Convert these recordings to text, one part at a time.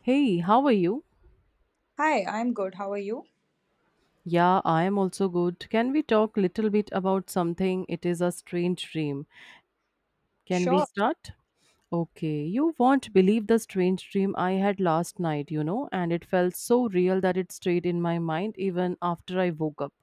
Hey, how are you? Hi, I'm good. How are you? Yeah, I am also good. Can we talk little bit about something? It is a strange dream. Can we Sure. start? Okay, you won't believe the strange dream I had last night, you know, and it felt so real that it stayed in my mind even after I woke up.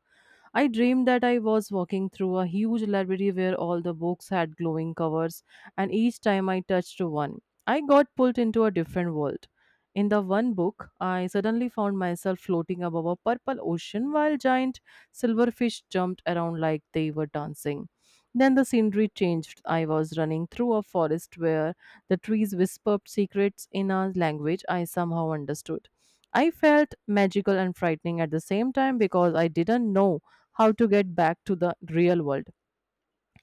I dreamed that I was walking through a huge library where all the books had glowing covers, and each time I touched one, I got pulled into a different world. In the one book, I suddenly found myself floating above a purple ocean while giant silverfish jumped around like they were dancing. Then the scenery changed. I was running through a forest where the trees whispered secrets in a language I somehow understood. I felt magical and frightening at the same time because I didn't know how to get back to the real world.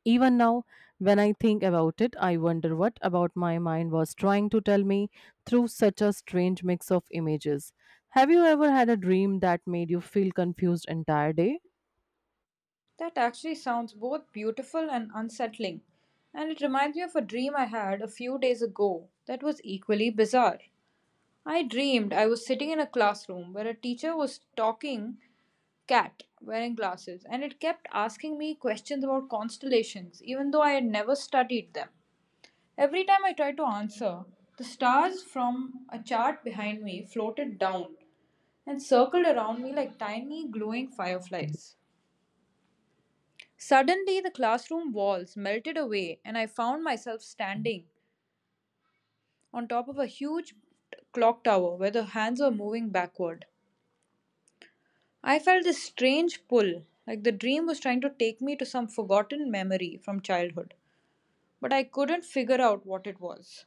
Even now, when I think about it, I wonder what about my mind was trying to tell me through such a strange mix of images. Have you ever had a dream that made you feel confused entire day? That actually sounds both beautiful and unsettling. And it reminds me of a dream I had a few days ago that was equally bizarre. I dreamed I was sitting in a classroom where a teacher was talking cat wearing glasses and it kept asking me questions about constellations even though I had never studied them. Every time I tried to answer, the stars from a chart behind me floated down and circled around me like tiny glowing fireflies. Suddenly, the classroom walls melted away, and I found myself standing on top of a huge clock tower where the hands were moving backward. I felt this strange pull, like the dream was trying to take me to some forgotten memory from childhood, but I couldn't figure out what it was.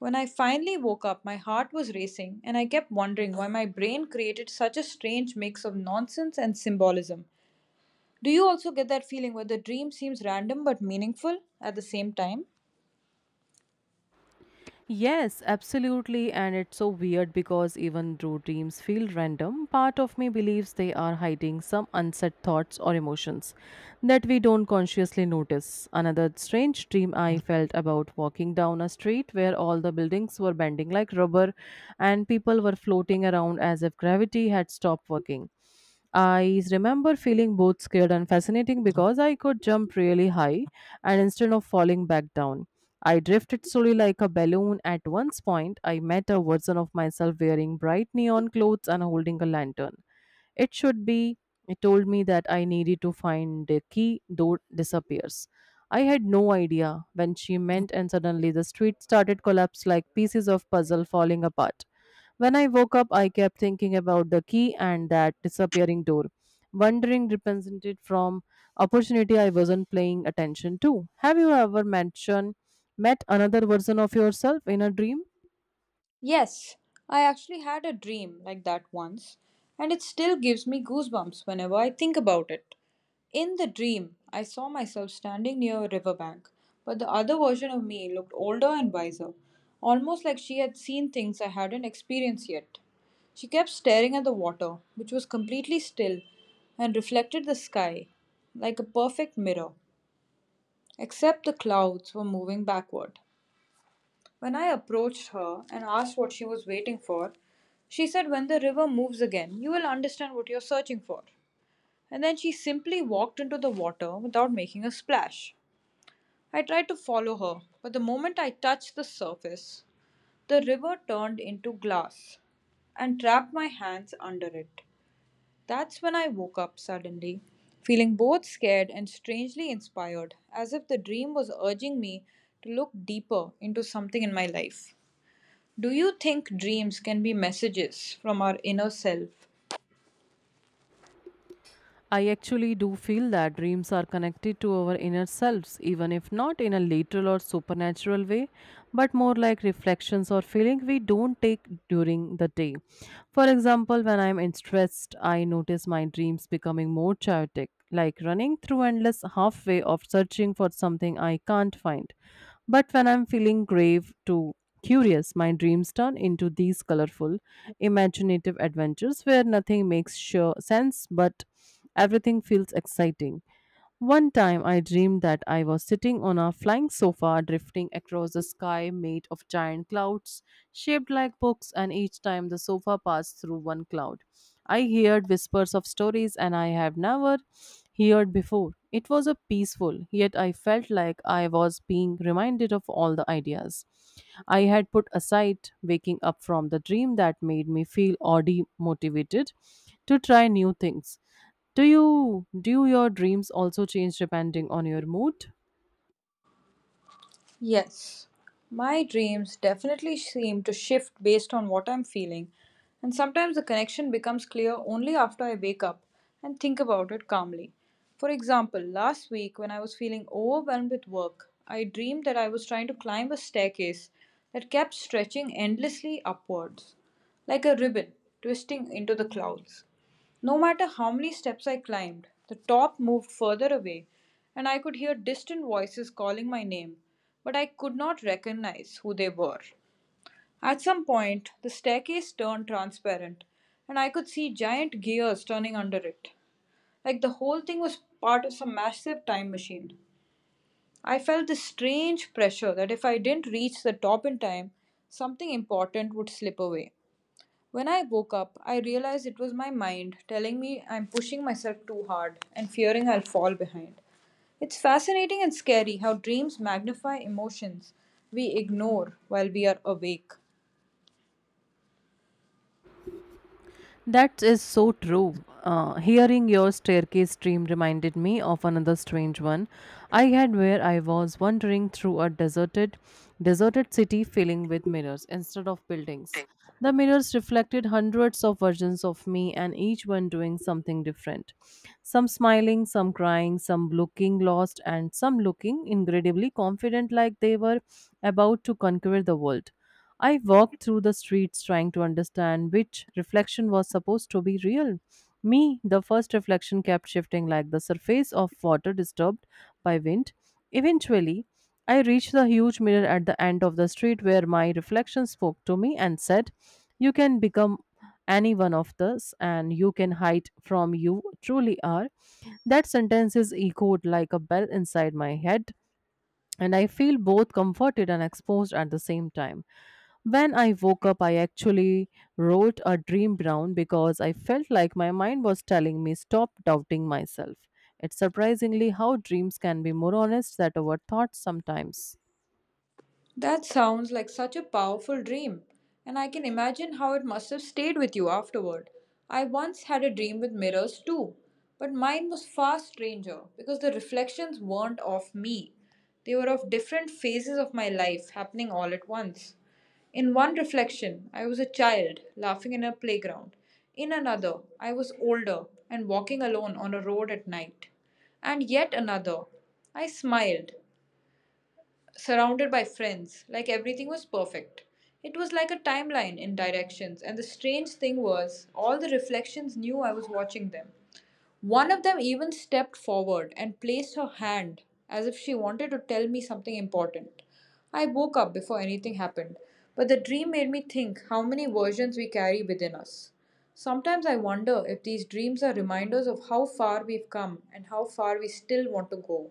When I finally woke up, my heart was racing, and I kept wondering why my brain created such a strange mix of nonsense and symbolism. Do you also get that feeling where the dream seems random but meaningful at the same time? Yes, absolutely. And it's so weird because even though dreams feel random, part of me believes they are hiding some unsaid thoughts or emotions that we don't consciously notice. Another strange dream I felt about walking down a street where all the buildings were bending like rubber and people were floating around as if gravity had stopped working. I remember feeling both scared and fascinating because I could jump really high and instead of falling back down. I drifted slowly like a balloon. At one point, I met a version of myself wearing bright neon clothes and holding a lantern. It should be. It told me that I needed to find the key, door disappears. I had no idea when she meant, and suddenly the street started collapse like pieces of puzzle falling apart. When I woke up, I kept thinking about the key and that disappearing door, wondering represented from opportunity I wasn't paying attention to. Have you ever mentioned met another version of yourself in a dream? Yes, I actually had a dream like that once, and it still gives me goosebumps whenever I think about it. In the dream, I saw myself standing near a riverbank, but the other version of me looked older and wiser, almost like she had seen things I hadn't experienced yet. She kept staring at the water, which was completely still and reflected the sky like a perfect mirror, except the clouds were moving backward. When I approached her and asked what she was waiting for, she said, "When the river moves again, you will understand what you're searching for." And then she simply walked into the water without making a splash. I tried to follow her, but the moment I touched the surface, the river turned into glass and trapped my hands under it. That's when I woke up suddenly, feeling both scared and strangely inspired, as if the dream was urging me to look deeper into something in my life. Do you think dreams can be messages from our inner self? I actually do feel that dreams are connected to our inner selves, even if not in a literal or supernatural way, but more like reflections or feelings we don't take during the day. For example, when I'm in stressed, I notice my dreams becoming more chaotic, like running through endless halfway of searching for something I can't find. But when I'm feeling grave to curious, my dreams turn into these colorful, imaginative adventures where nothing makes sure sense but everything feels exciting. One time I dreamed that I was sitting on a flying sofa drifting across a sky made of giant clouds shaped like books, and each time the sofa passed through one cloud. I heard whispers of stories and I have never heard before. It was a peaceful, yet I felt like I was being reminded of all the ideas I had put aside, waking up from the dream that made me feel oddly motivated to try new things. Do your dreams also change depending on your mood? Yes. My dreams definitely seem to shift based on what I'm feeling, and sometimes the connection becomes clear only after I wake up and think about it calmly. For example, last week when I was feeling overwhelmed with work, I dreamed that I was trying to climb a staircase that kept stretching endlessly upwards, like a ribbon twisting into the clouds. No matter how many steps I climbed, the top moved further away, and I could hear distant voices calling my name, but I could not recognize who they were. At some point, the staircase turned transparent, and I could see giant gears turning under it, like the whole thing was part of some massive time machine. I felt this strange pressure that if I didn't reach the top in time, something important would slip away. When I woke up, I realized it was my mind telling me I'm pushing myself too hard and fearing I'll fall behind. It's fascinating and scary how dreams magnify emotions we ignore while we are awake. That is so true. Hearing your staircase dream reminded me of another strange one I had where I was wandering through a deserted city filling with mirrors instead of buildings. The mirrors reflected hundreds of versions of me and each one doing something different. Some smiling, some crying, some looking lost, and some looking incredibly confident like they were about to conquer the world. I walked through the streets trying to understand which reflection was supposed to be real. Me, the first reflection kept shifting like the surface of water disturbed by wind. Eventually, I reached the huge mirror at the end of the street where my reflection spoke to me and said, You can become any one of us and you can hide from you truly are. That sentence is echoed like a bell inside my head, and I feel both comforted and exposed at the same time. When I woke up, I actually wrote a dream down because I felt like my mind was telling me stop doubting myself. It's surprisingly how dreams can be more honest than our thoughts sometimes. That sounds like such a powerful dream, and I can imagine how it must have stayed with you afterward. I once had a dream with mirrors too, but mine was far stranger because the reflections weren't of me. They were of different phases of my life happening all at once. In one reflection, I was a child laughing in a playground. In another, I was older and walking alone on a road at night. And yet another, I smiled surrounded by friends, like everything was perfect. It was like a timeline in directions, and the strange thing was, all the reflections knew I was watching them. One of them even stepped forward and placed her hand as if she wanted to tell me something important. I woke up before anything happened, but the dream made me think how many versions we carry within us. Sometimes I wonder if these dreams are reminders of how far we've come and how far we still want to go.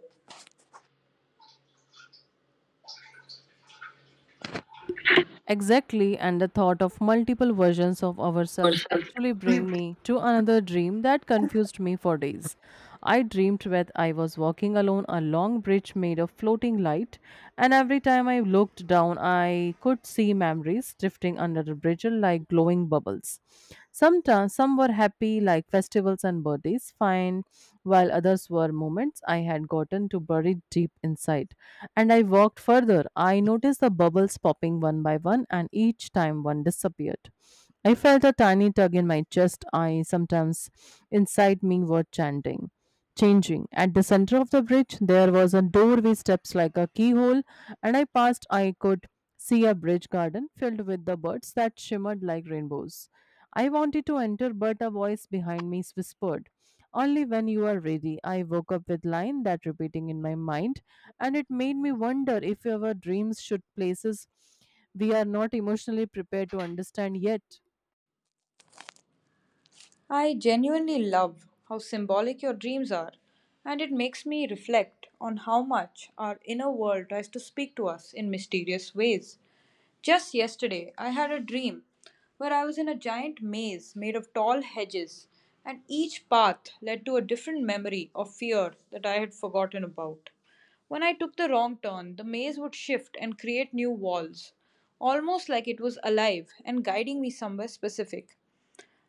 Exactly, and the thought of multiple versions of ourselves actually bring me to another dream that confused me for days. I dreamed that I was walking alone a long bridge made of floating light, and every time I looked down I could see memories drifting under the bridge like glowing bubbles. Sometimes some were happy, like festivals and birthdays, fine, while others were moments I had gotten to bury deep inside. And I walked further. I noticed the bubbles popping one by one, and each time one disappeared. I felt a tiny tug in my chest. I sometimes inside me were chanting. Changing. At the center of the bridge, there was a doorway steps like a keyhole, and I passed. I could see a bridge garden filled with the birds that shimmered like rainbows. I wanted to enter, but a voice behind me whispered, Only when you are ready. I woke up with line that repeating in my mind, and it made me wonder if our dreams should places we are not emotionally prepared to understand yet. I genuinely love how symbolic your dreams are, and it makes me reflect on how much our inner world tries to speak to us in mysterious ways. Just yesterday, I had a dream where I was in a giant maze made of tall hedges, and each path led to a different memory or fear that I had forgotten about. When I took the wrong turn, the maze would shift and create new walls, almost like it was alive and guiding me somewhere specific.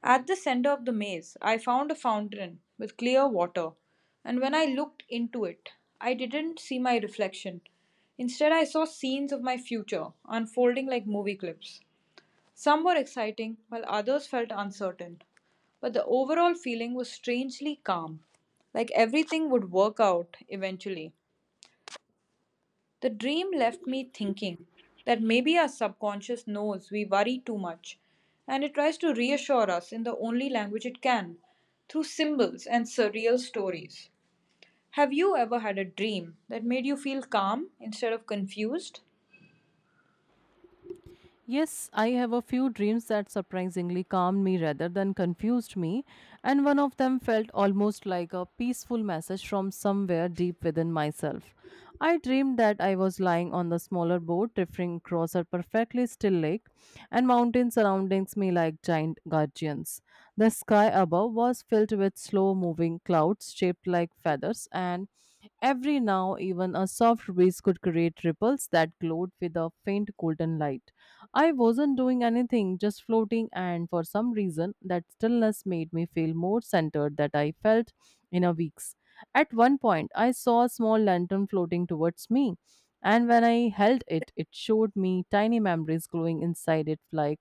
At the center of the maze, I found a fountain with clear water, and when I looked into it, I didn't see my reflection. Instead, I saw scenes of my future unfolding like movie clips. Some were exciting, while others felt uncertain. But the overall feeling was strangely calm, like everything would work out eventually. The dream left me thinking that maybe our subconscious knows we worry too much and it tries to reassure us in the only language it can through symbols and surreal stories. Have you ever had a dream that made you feel calm instead of confused? Yes, I have a few dreams that surprisingly calmed me rather than confused me, and one of them felt almost like a peaceful message from somewhere deep within myself. I dreamed that I was lying on the smaller boat drifting across a perfectly still lake, and mountains surrounding me like giant guardians. The sky above was filled with slow moving clouds shaped like feathers, and every now even a soft breeze could create ripples that glowed with a faint golden light. I wasn't doing anything, just floating, and for some reason, that stillness made me feel more centered than I felt in a weeks. At one point, I saw a small lantern floating towards me, and when I held it, it showed me tiny memories glowing inside it like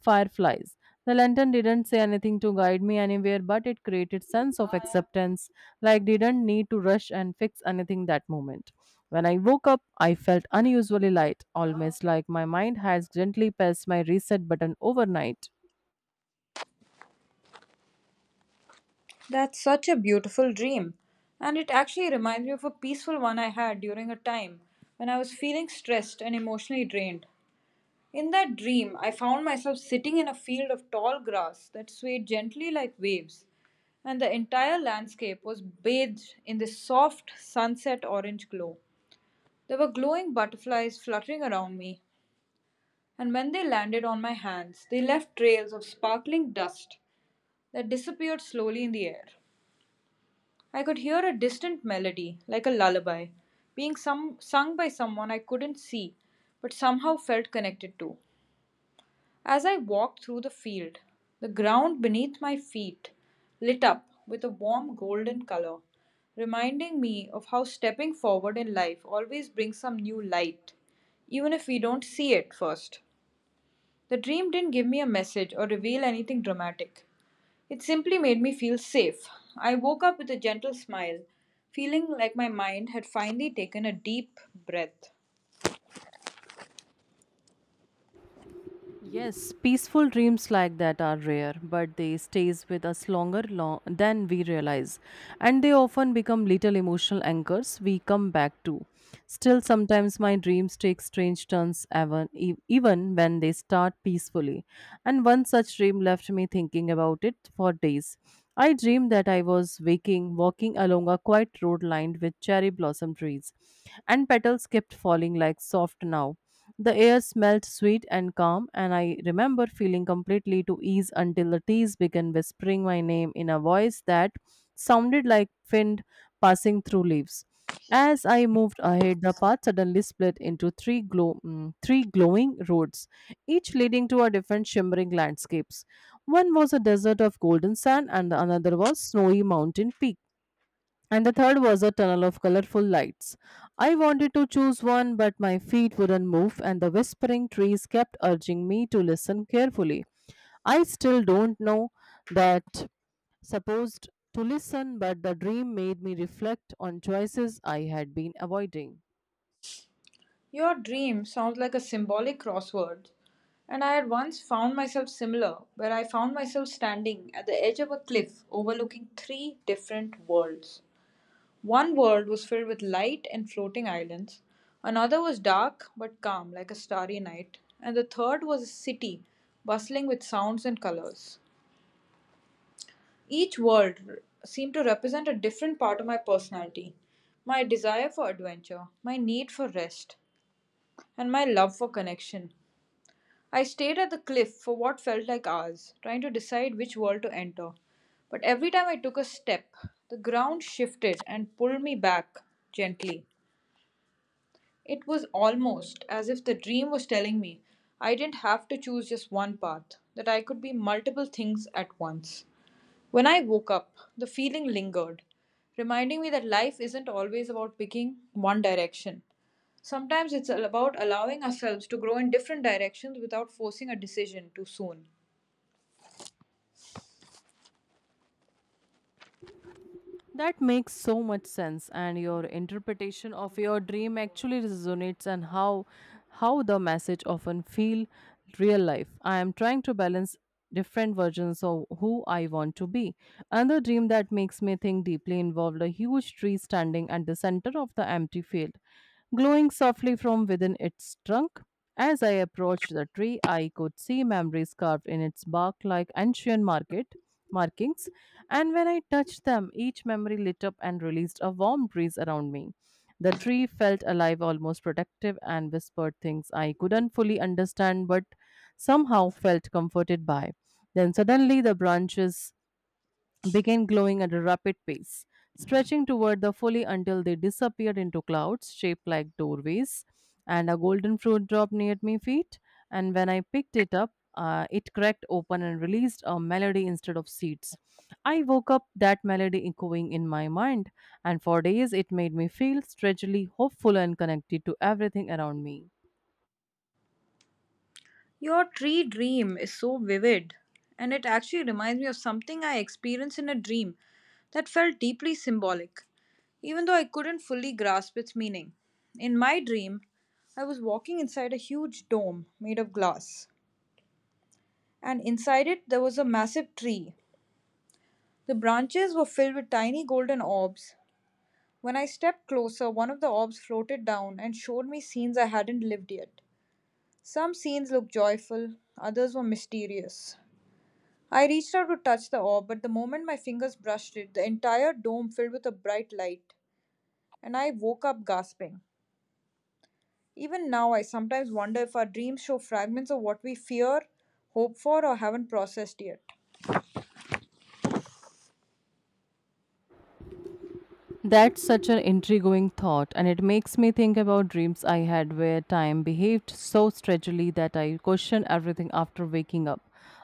fireflies. The lantern didn't say anything to guide me anywhere, but it created sense of acceptance, like didn't need to rush and fix anything that moment. When I woke up, I felt unusually light, almost like my mind has gently pressed my reset button overnight. That's such a beautiful dream. And it actually reminds me of a peaceful one I had during a time when I was feeling stressed and emotionally drained. In that dream, I found myself sitting in a field of tall grass that swayed gently like waves, and the entire landscape was bathed in this soft sunset orange glow. There were glowing butterflies fluttering around me, and when they landed on my hands, they left trails of sparkling dust that disappeared slowly in the air. I could hear a distant melody, like a lullaby, sung by someone I couldn't see, but somehow felt connected to. As I walked through the field, the ground beneath my feet lit up with a warm golden color, reminding me of how stepping forward in life always brings some new light, even if we don't see it first. The dream didn't give me a message or reveal anything dramatic. It simply made me feel safe. I woke up with a gentle smile, feeling like my mind had finally taken a deep breath. Yes, peaceful dreams like that are rare, but they stays with us longer than we realize, and they often become little emotional anchors we come back to. Still, sometimes my dreams take strange turns, even when they start peacefully. And one such dream left me thinking about it for days. I dreamed that I was walking along a quiet road lined with cherry blossom trees, and petals kept falling like soft now the air smelled sweet and calm, and I remember feeling completely to ease until the trees began whispering my name in a voice that sounded like wind passing through leaves. As I moved ahead, the path suddenly split into three glowing roads, each leading to a different shimmering landscapes. One was a desert of golden sand, and the another was snowy mountain peaks and the third was a tunnel of colorful lights. I wanted to choose one, but my feet wouldn't move, and the whispering trees kept urging me to listen carefully. I still don't know that supposed to listen, but the dream made me reflect on choices I had been avoiding. Your dream sounds like a symbolic crossword, and I had once found myself similar, where I found myself standing at the edge of a cliff overlooking three different worlds. One world was filled with light and floating islands, another was dark but calm like a starry night, and the third was a city bustling with sounds and colors. Each world seemed to represent a different part of my personality, my desire for adventure, my need for rest, and my love for connection. I stayed at the cliff for what felt like hours, trying to decide which world to enter. But every time I took a step, the ground shifted and pulled me back gently. It was almost as if the dream was telling me I didn't have to choose just one path, that I could be multiple things at once. When I woke up, the feeling lingered, reminding me that life isn't always about picking one direction. Sometimes it's all about allowing ourselves to grow in different directions without forcing a decision too soon. That makes so much sense, and your interpretation of your dream actually resonates and how the message often feel real life. I am trying to balance different versions of who I want to be. Another dream that makes me think deeply involved a huge tree standing at the center of the empty field, glowing softly from within its trunk. As I approached the tree, I could see memories carved in its bark like ancient market markings, and when I touched them, each memory lit up and released a warm breeze around me. The tree felt alive, almost protective, and whispered things I couldn't fully understand but somehow felt comforted by. Then suddenly the branches began glowing at a rapid pace, stretching toward the fully until they disappeared into clouds shaped like doorways, and a golden fruit dropped near my feet. And when I picked it up, it cracked open and released a melody instead of seeds. I woke up that melody echoing in my mind, and for days it made me feel strangely hopeful and connected to everything around me. Your tree dream is so vivid, and it actually reminds me of something I experienced in a dream that felt deeply symbolic, even though I couldn't fully grasp its meaning. In my dream, I was walking inside a huge dome made of glass, and inside it there was a massive tree. The branches were filled with tiny golden orbs. When I stepped closer, one of the orbs floated down and showed me scenes I hadn't lived yet. Some scenes looked joyful, others were mysterious. I reached out to touch the orb, but the moment my fingers brushed it, the entire dome filled with a bright light, and I woke up gasping. Even now, I sometimes wonder if our dreams show fragments of what we fear, hope for, or haven't processed yet. That's such an intriguing thought, and it makes me think about dreams I had where time behaved so strangely that I questioned everything after waking up.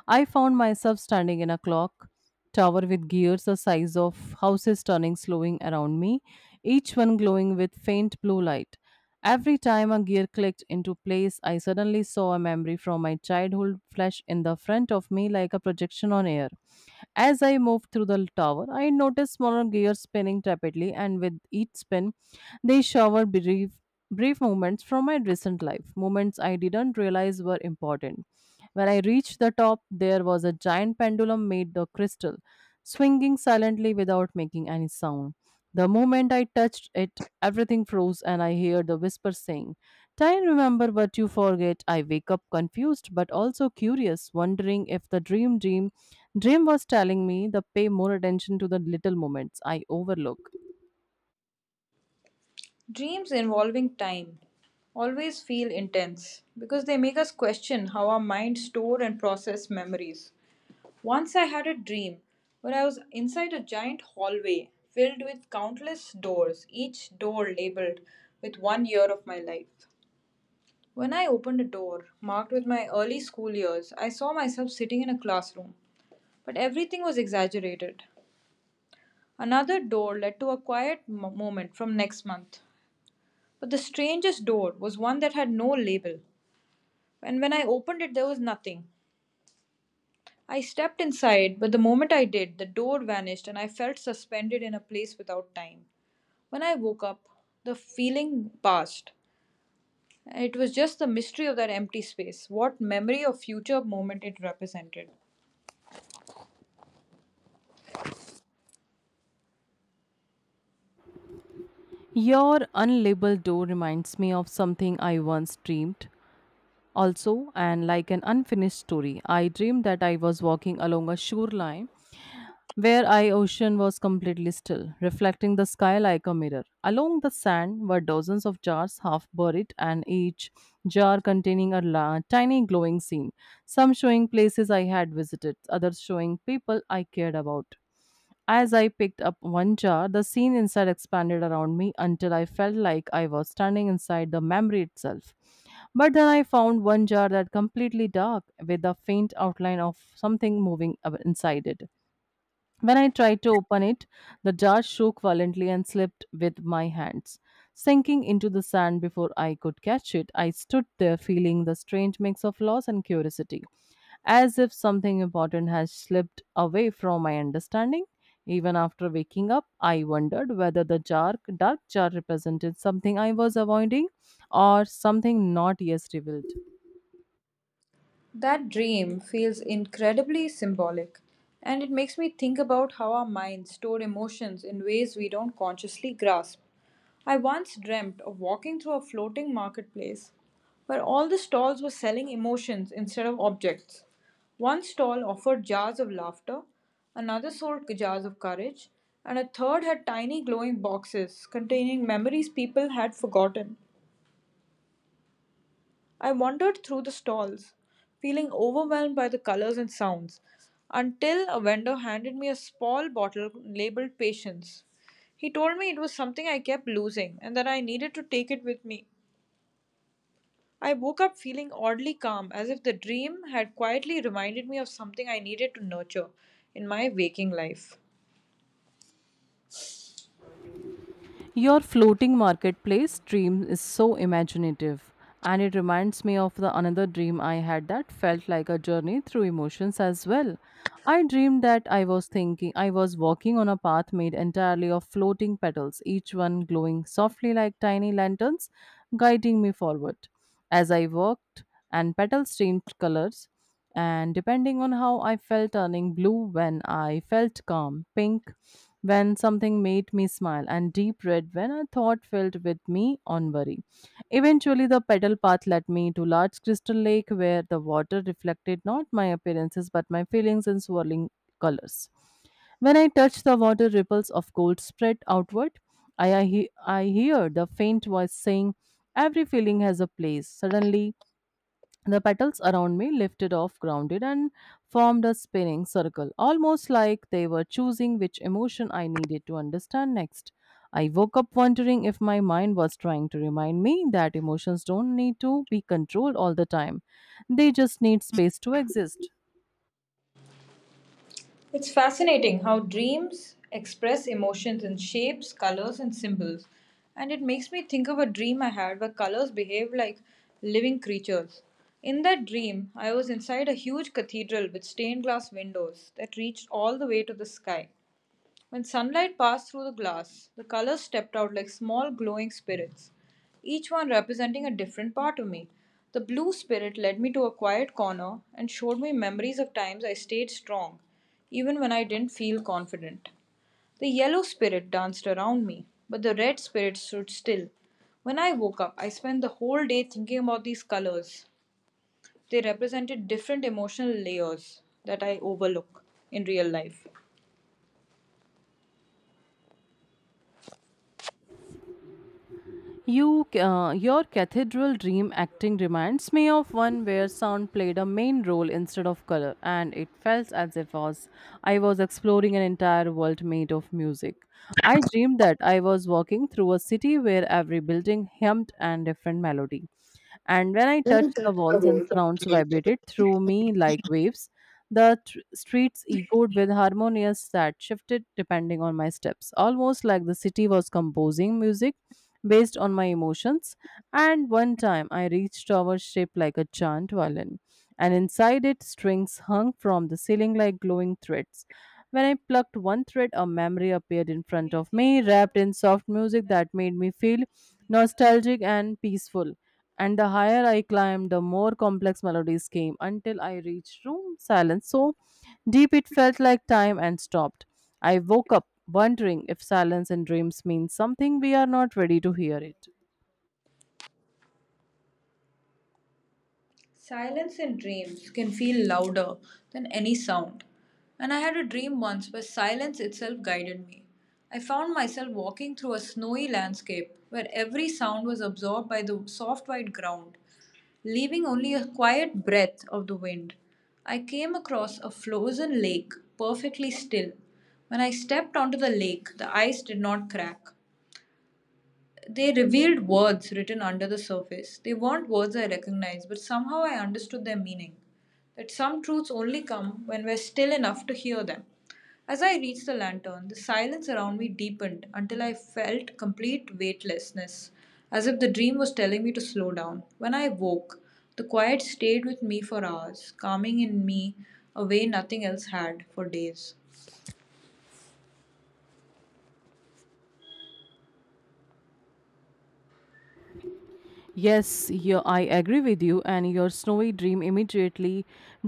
I found myself standing in a clock tower with gears the size of houses turning slowing around me, each one glowing with faint blue light. Every time a gear clicked into place, I suddenly saw a memory from my childhood flash in the front of me like a projection on air. As I moved through the tower, I noticed smaller gears spinning rapidly, and with each spin, they showered brief moments from my recent life, moments I didn't realize were important. When I reached the top, there was a giant pendulum made of crystal, swinging silently without making any sound. The moment I touched it, everything froze, and I heard the whisper saying, Time, remember what you forget. I wake up confused but also curious, wondering if the dream was telling me the pay more attention to the little moments I overlook. Dreams involving time always feel intense because they make us question how our minds store and process memories. Once I had a dream where I was inside a giant hallway filled with countless doors, each door labeled with one year of my life. When I opened a door marked with my early school years, I saw myself sitting in a classroom, but everything was exaggerated. Another door led to a quiet moment from next month. But the strangest door was one that had no label, and when I opened it, there was nothing. I stepped inside, but the moment I did, the door vanished and I felt suspended in a place without time. When I woke up, the feeling passed. It was just the mystery of that empty space, what memory or future moment it represented. Your unlabeled door reminds me of something I once dreamed. Also, and like an unfinished story, I dreamed that I was walking along a shoreline where I ocean was completely still, reflecting the sky like a mirror. Along the sand were dozens of jars half buried, and each jar containing a tiny glowing scene, some showing places I had visited, others showing people I cared about. As I picked up one jar, the scene inside expanded around me until I felt like I was standing inside the memory itself. But then I found one jar that completely dark with a faint outline of something moving inside it. When I tried to open it, the jar shook violently and slipped with my hands, sinking into the sand before I could catch it. I stood there feeling the strange mix of loss and curiosity, as if something important had slipped away from my understanding. Even after waking up, I wondered whether the jar, dark jar represented something I was avoiding or something not yet revealed. That dream feels incredibly symbolic, and it makes me think about how our minds store emotions in ways we don't consciously grasp. I once dreamt of walking through a floating marketplace where all the stalls were selling emotions instead of objects. One stall offered jars of laughter, another sold jars of courage, and a third had tiny glowing boxes containing memories people had forgotten. I wandered through the stalls, feeling overwhelmed by the colors and sounds, until a vendor handed me a small bottle labeled Patience. He told me it was something I kept losing and that I needed to take it with me. I woke up feeling oddly calm, as if the dream had quietly reminded me of something I needed to nurture in my waking life. Your floating marketplace dream is so imaginative, and it reminds me of the another dream I had that felt like a journey through emotions as well. I dreamed that I was thinking I was walking on a path made entirely of floating petals, each one glowing softly like tiny lanterns, guiding me forward. As I walked and petals changed colors and depending on how I felt turning blue when I felt calm, pink when something made me smile, and deep red when a thought filled with me on worry. Eventually, the pedal path led me to large crystal lake where the water reflected not my appearances but my feelings in swirling colors. When I touched the water, ripples of gold spread outward. I hear the faint voice saying, Every feeling has a place. Suddenly, the petals around me lifted off, grounded, and formed a spinning circle, almost like they were choosing which emotion I needed to understand next. I woke up wondering if my mind was trying to remind me that emotions don't need to be controlled all the time, they just need space to exist. It's fascinating how dreams express emotions in shapes, colors, and symbols. And it makes me think of a dream I had where colors behaved like living creatures. In that dream, I was inside a huge cathedral with stained glass windows that reached all the way to the sky. When sunlight passed through the glass, the colors stepped out like small glowing spirits, each one representing a different part of me. The blue spirit led me to a quiet corner and showed me memories of times I stayed strong, even when I didn't feel confident. The yellow spirit danced around me, but the red spirit stood still. When I woke up, I spent the whole day thinking about these colors. They represented different emotional layers that I overlook in real life. Your cathedral dream acting reminds me of one where sound played a main role instead of color, and it felt as if was I was exploring an entire world made of music. I dreamed that I was walking through a city where every building hummed and different melody, and when I touched the walls and surrounds vibrated through me like waves. The streets echoed with harmonious that shifted depending on my steps, almost like the city was composing music based on my emotions. And one time I reached tower shaped like a giant violin, and inside it strings hung from the ceiling like glowing threads. When I plucked one thread, a memory appeared in front of me, wrapped in soft music that made me feel nostalgic and peaceful. And the higher I climbed, the more complex melodies came until I reached room silence. So deep it felt like time and stopped. I woke up wondering if silence in dreams means something we are not ready to hear it. Silence in dreams can feel louder than any sound, and I had a dream once where silence itself guided me. I found myself walking through a snowy landscape where every sound was absorbed by the soft white ground, leaving only a quiet breath of the wind. I came across a frozen lake, perfectly still. When I stepped onto the lake, the ice did not crack. They revealed words written under the surface. They weren't words I recognized, but somehow I understood their meaning. That some truths only come when we're still enough to hear them. As I reached the lantern, the silence around me deepened until I felt complete weightlessness, as if the dream was telling me to slow down. When I woke, the quiet stayed with me for hours, calming in me a way nothing else had for days. Yes, you. I agree with you, and your snowy dream immediately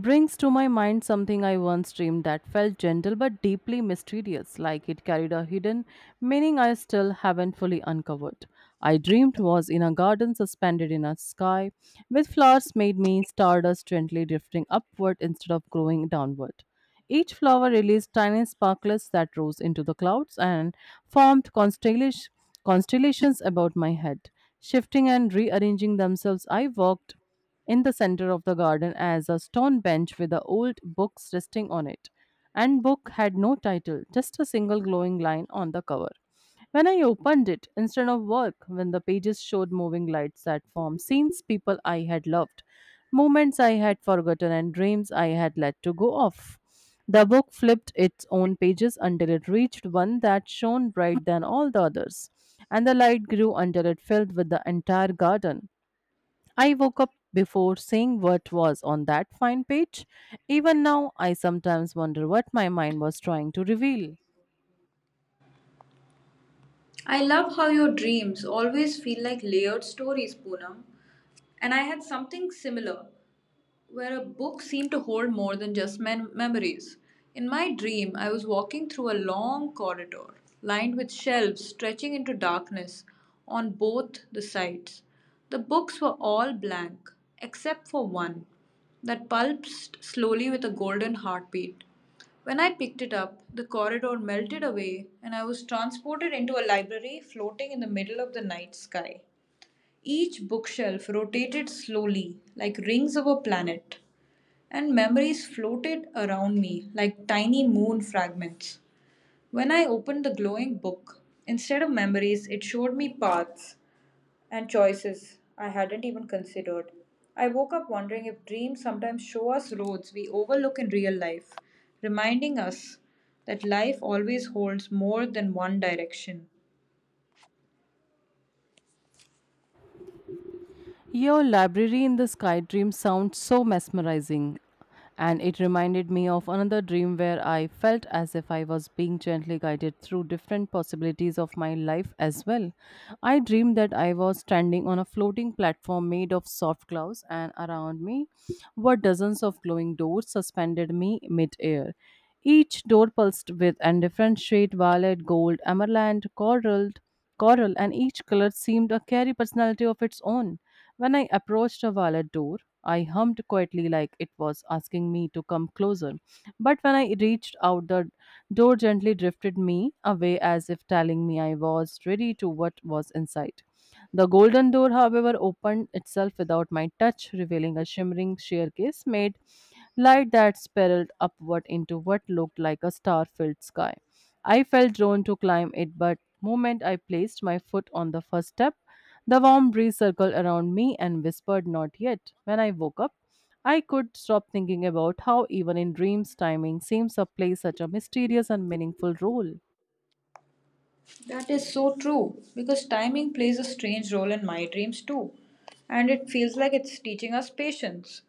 brings to my mind something I once dreamed that felt gentle but deeply mysterious, like it carried a hidden meaning I still haven't fully uncovered. I dreamed was in a garden suspended in a sky, with flowers made me stardust gently drifting upward instead of growing downward. Each flower released tiny sparklets that rose into the clouds and formed constellations about my head. Shifting and rearranging themselves, I walked in the center of the garden as a stone bench with the old books resting on it. And book had no title, just a single glowing line on the cover. When I opened it, instead of work, when the pages showed moving lights that formed scenes, people I had loved, moments I had forgotten, and dreams I had let to go off. The book flipped its own pages until it reached one that shone bright than all the others, and the light grew until it filled with the entire garden. I woke up before seeing what was on that fine page. Even now, I sometimes wonder what my mind was trying to reveal. I love how your dreams always feel like layered stories, Poonam. And I had something similar where a book seemed to hold more than just memories. In my dream, I was walking through a long corridor lined with shelves stretching into darkness on both the sides. The books were all blank, except for one that pulsed slowly with a golden heartbeat. When I picked it up, the corridor melted away and I was transported into a library floating in the middle of the night sky. Each bookshelf rotated slowly like rings of a planet, and memories floated around me like tiny moon fragments. When I opened the glowing book, instead of memories, it showed me paths and choices I hadn't even considered. I woke up wondering if dreams sometimes show us roads we overlook in real life, reminding us that life always holds more than one direction. Your library in the sky dream sounds so mesmerizing, and it reminded me of another dream where I felt as if I was being gently guided through different possibilities of my life as well. I dreamed that I was standing on a floating platform made of soft clouds, and around me were dozens of glowing doors suspended me mid-air. Each door pulsed with a different shade violet, gold, emerald, coral, and each color seemed to carry personality of its own. When I approached a wallet door, I hummed quietly like it was asking me to come closer. But when I reached out, the door gently drifted me away as if telling me I was ready to what was inside. The golden door, however, opened itself without my touch, revealing a shimmering staircase made light that spiraled upward into what looked like a star filled sky. I felt drawn to climb it, but moment I placed my foot on the first step, the warm breeze circled around me and whispered, Not yet. When I woke up, I could stop thinking about how, even in dreams, timing seems to play such a mysterious and meaningful role. That is so true because timing plays a strange role in my dreams too, and it feels like it's teaching us patience.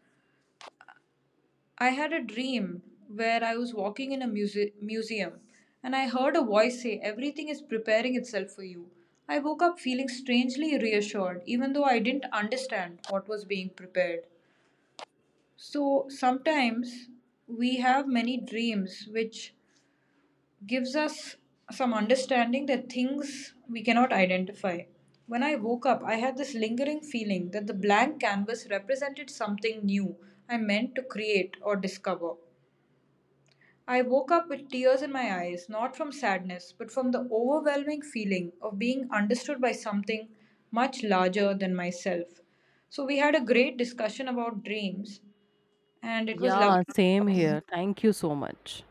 I had a dream where I was walking in a museum and I heard a voice say, Everything is preparing itself for you. I woke up feeling strangely reassured, even though I didn't understand what was being prepared. So sometimes we have many dreams which gives us some understanding that things we cannot identify. When I woke up, I had this lingering feeling that the blank canvas represented something new I meant to create or discover. I woke up with tears in my eyes, not from sadness, but from the overwhelming feeling of being understood by something much larger than myself. So, we had a great discussion about dreams, and it was lovely. Yeah, same here. Thank you so much.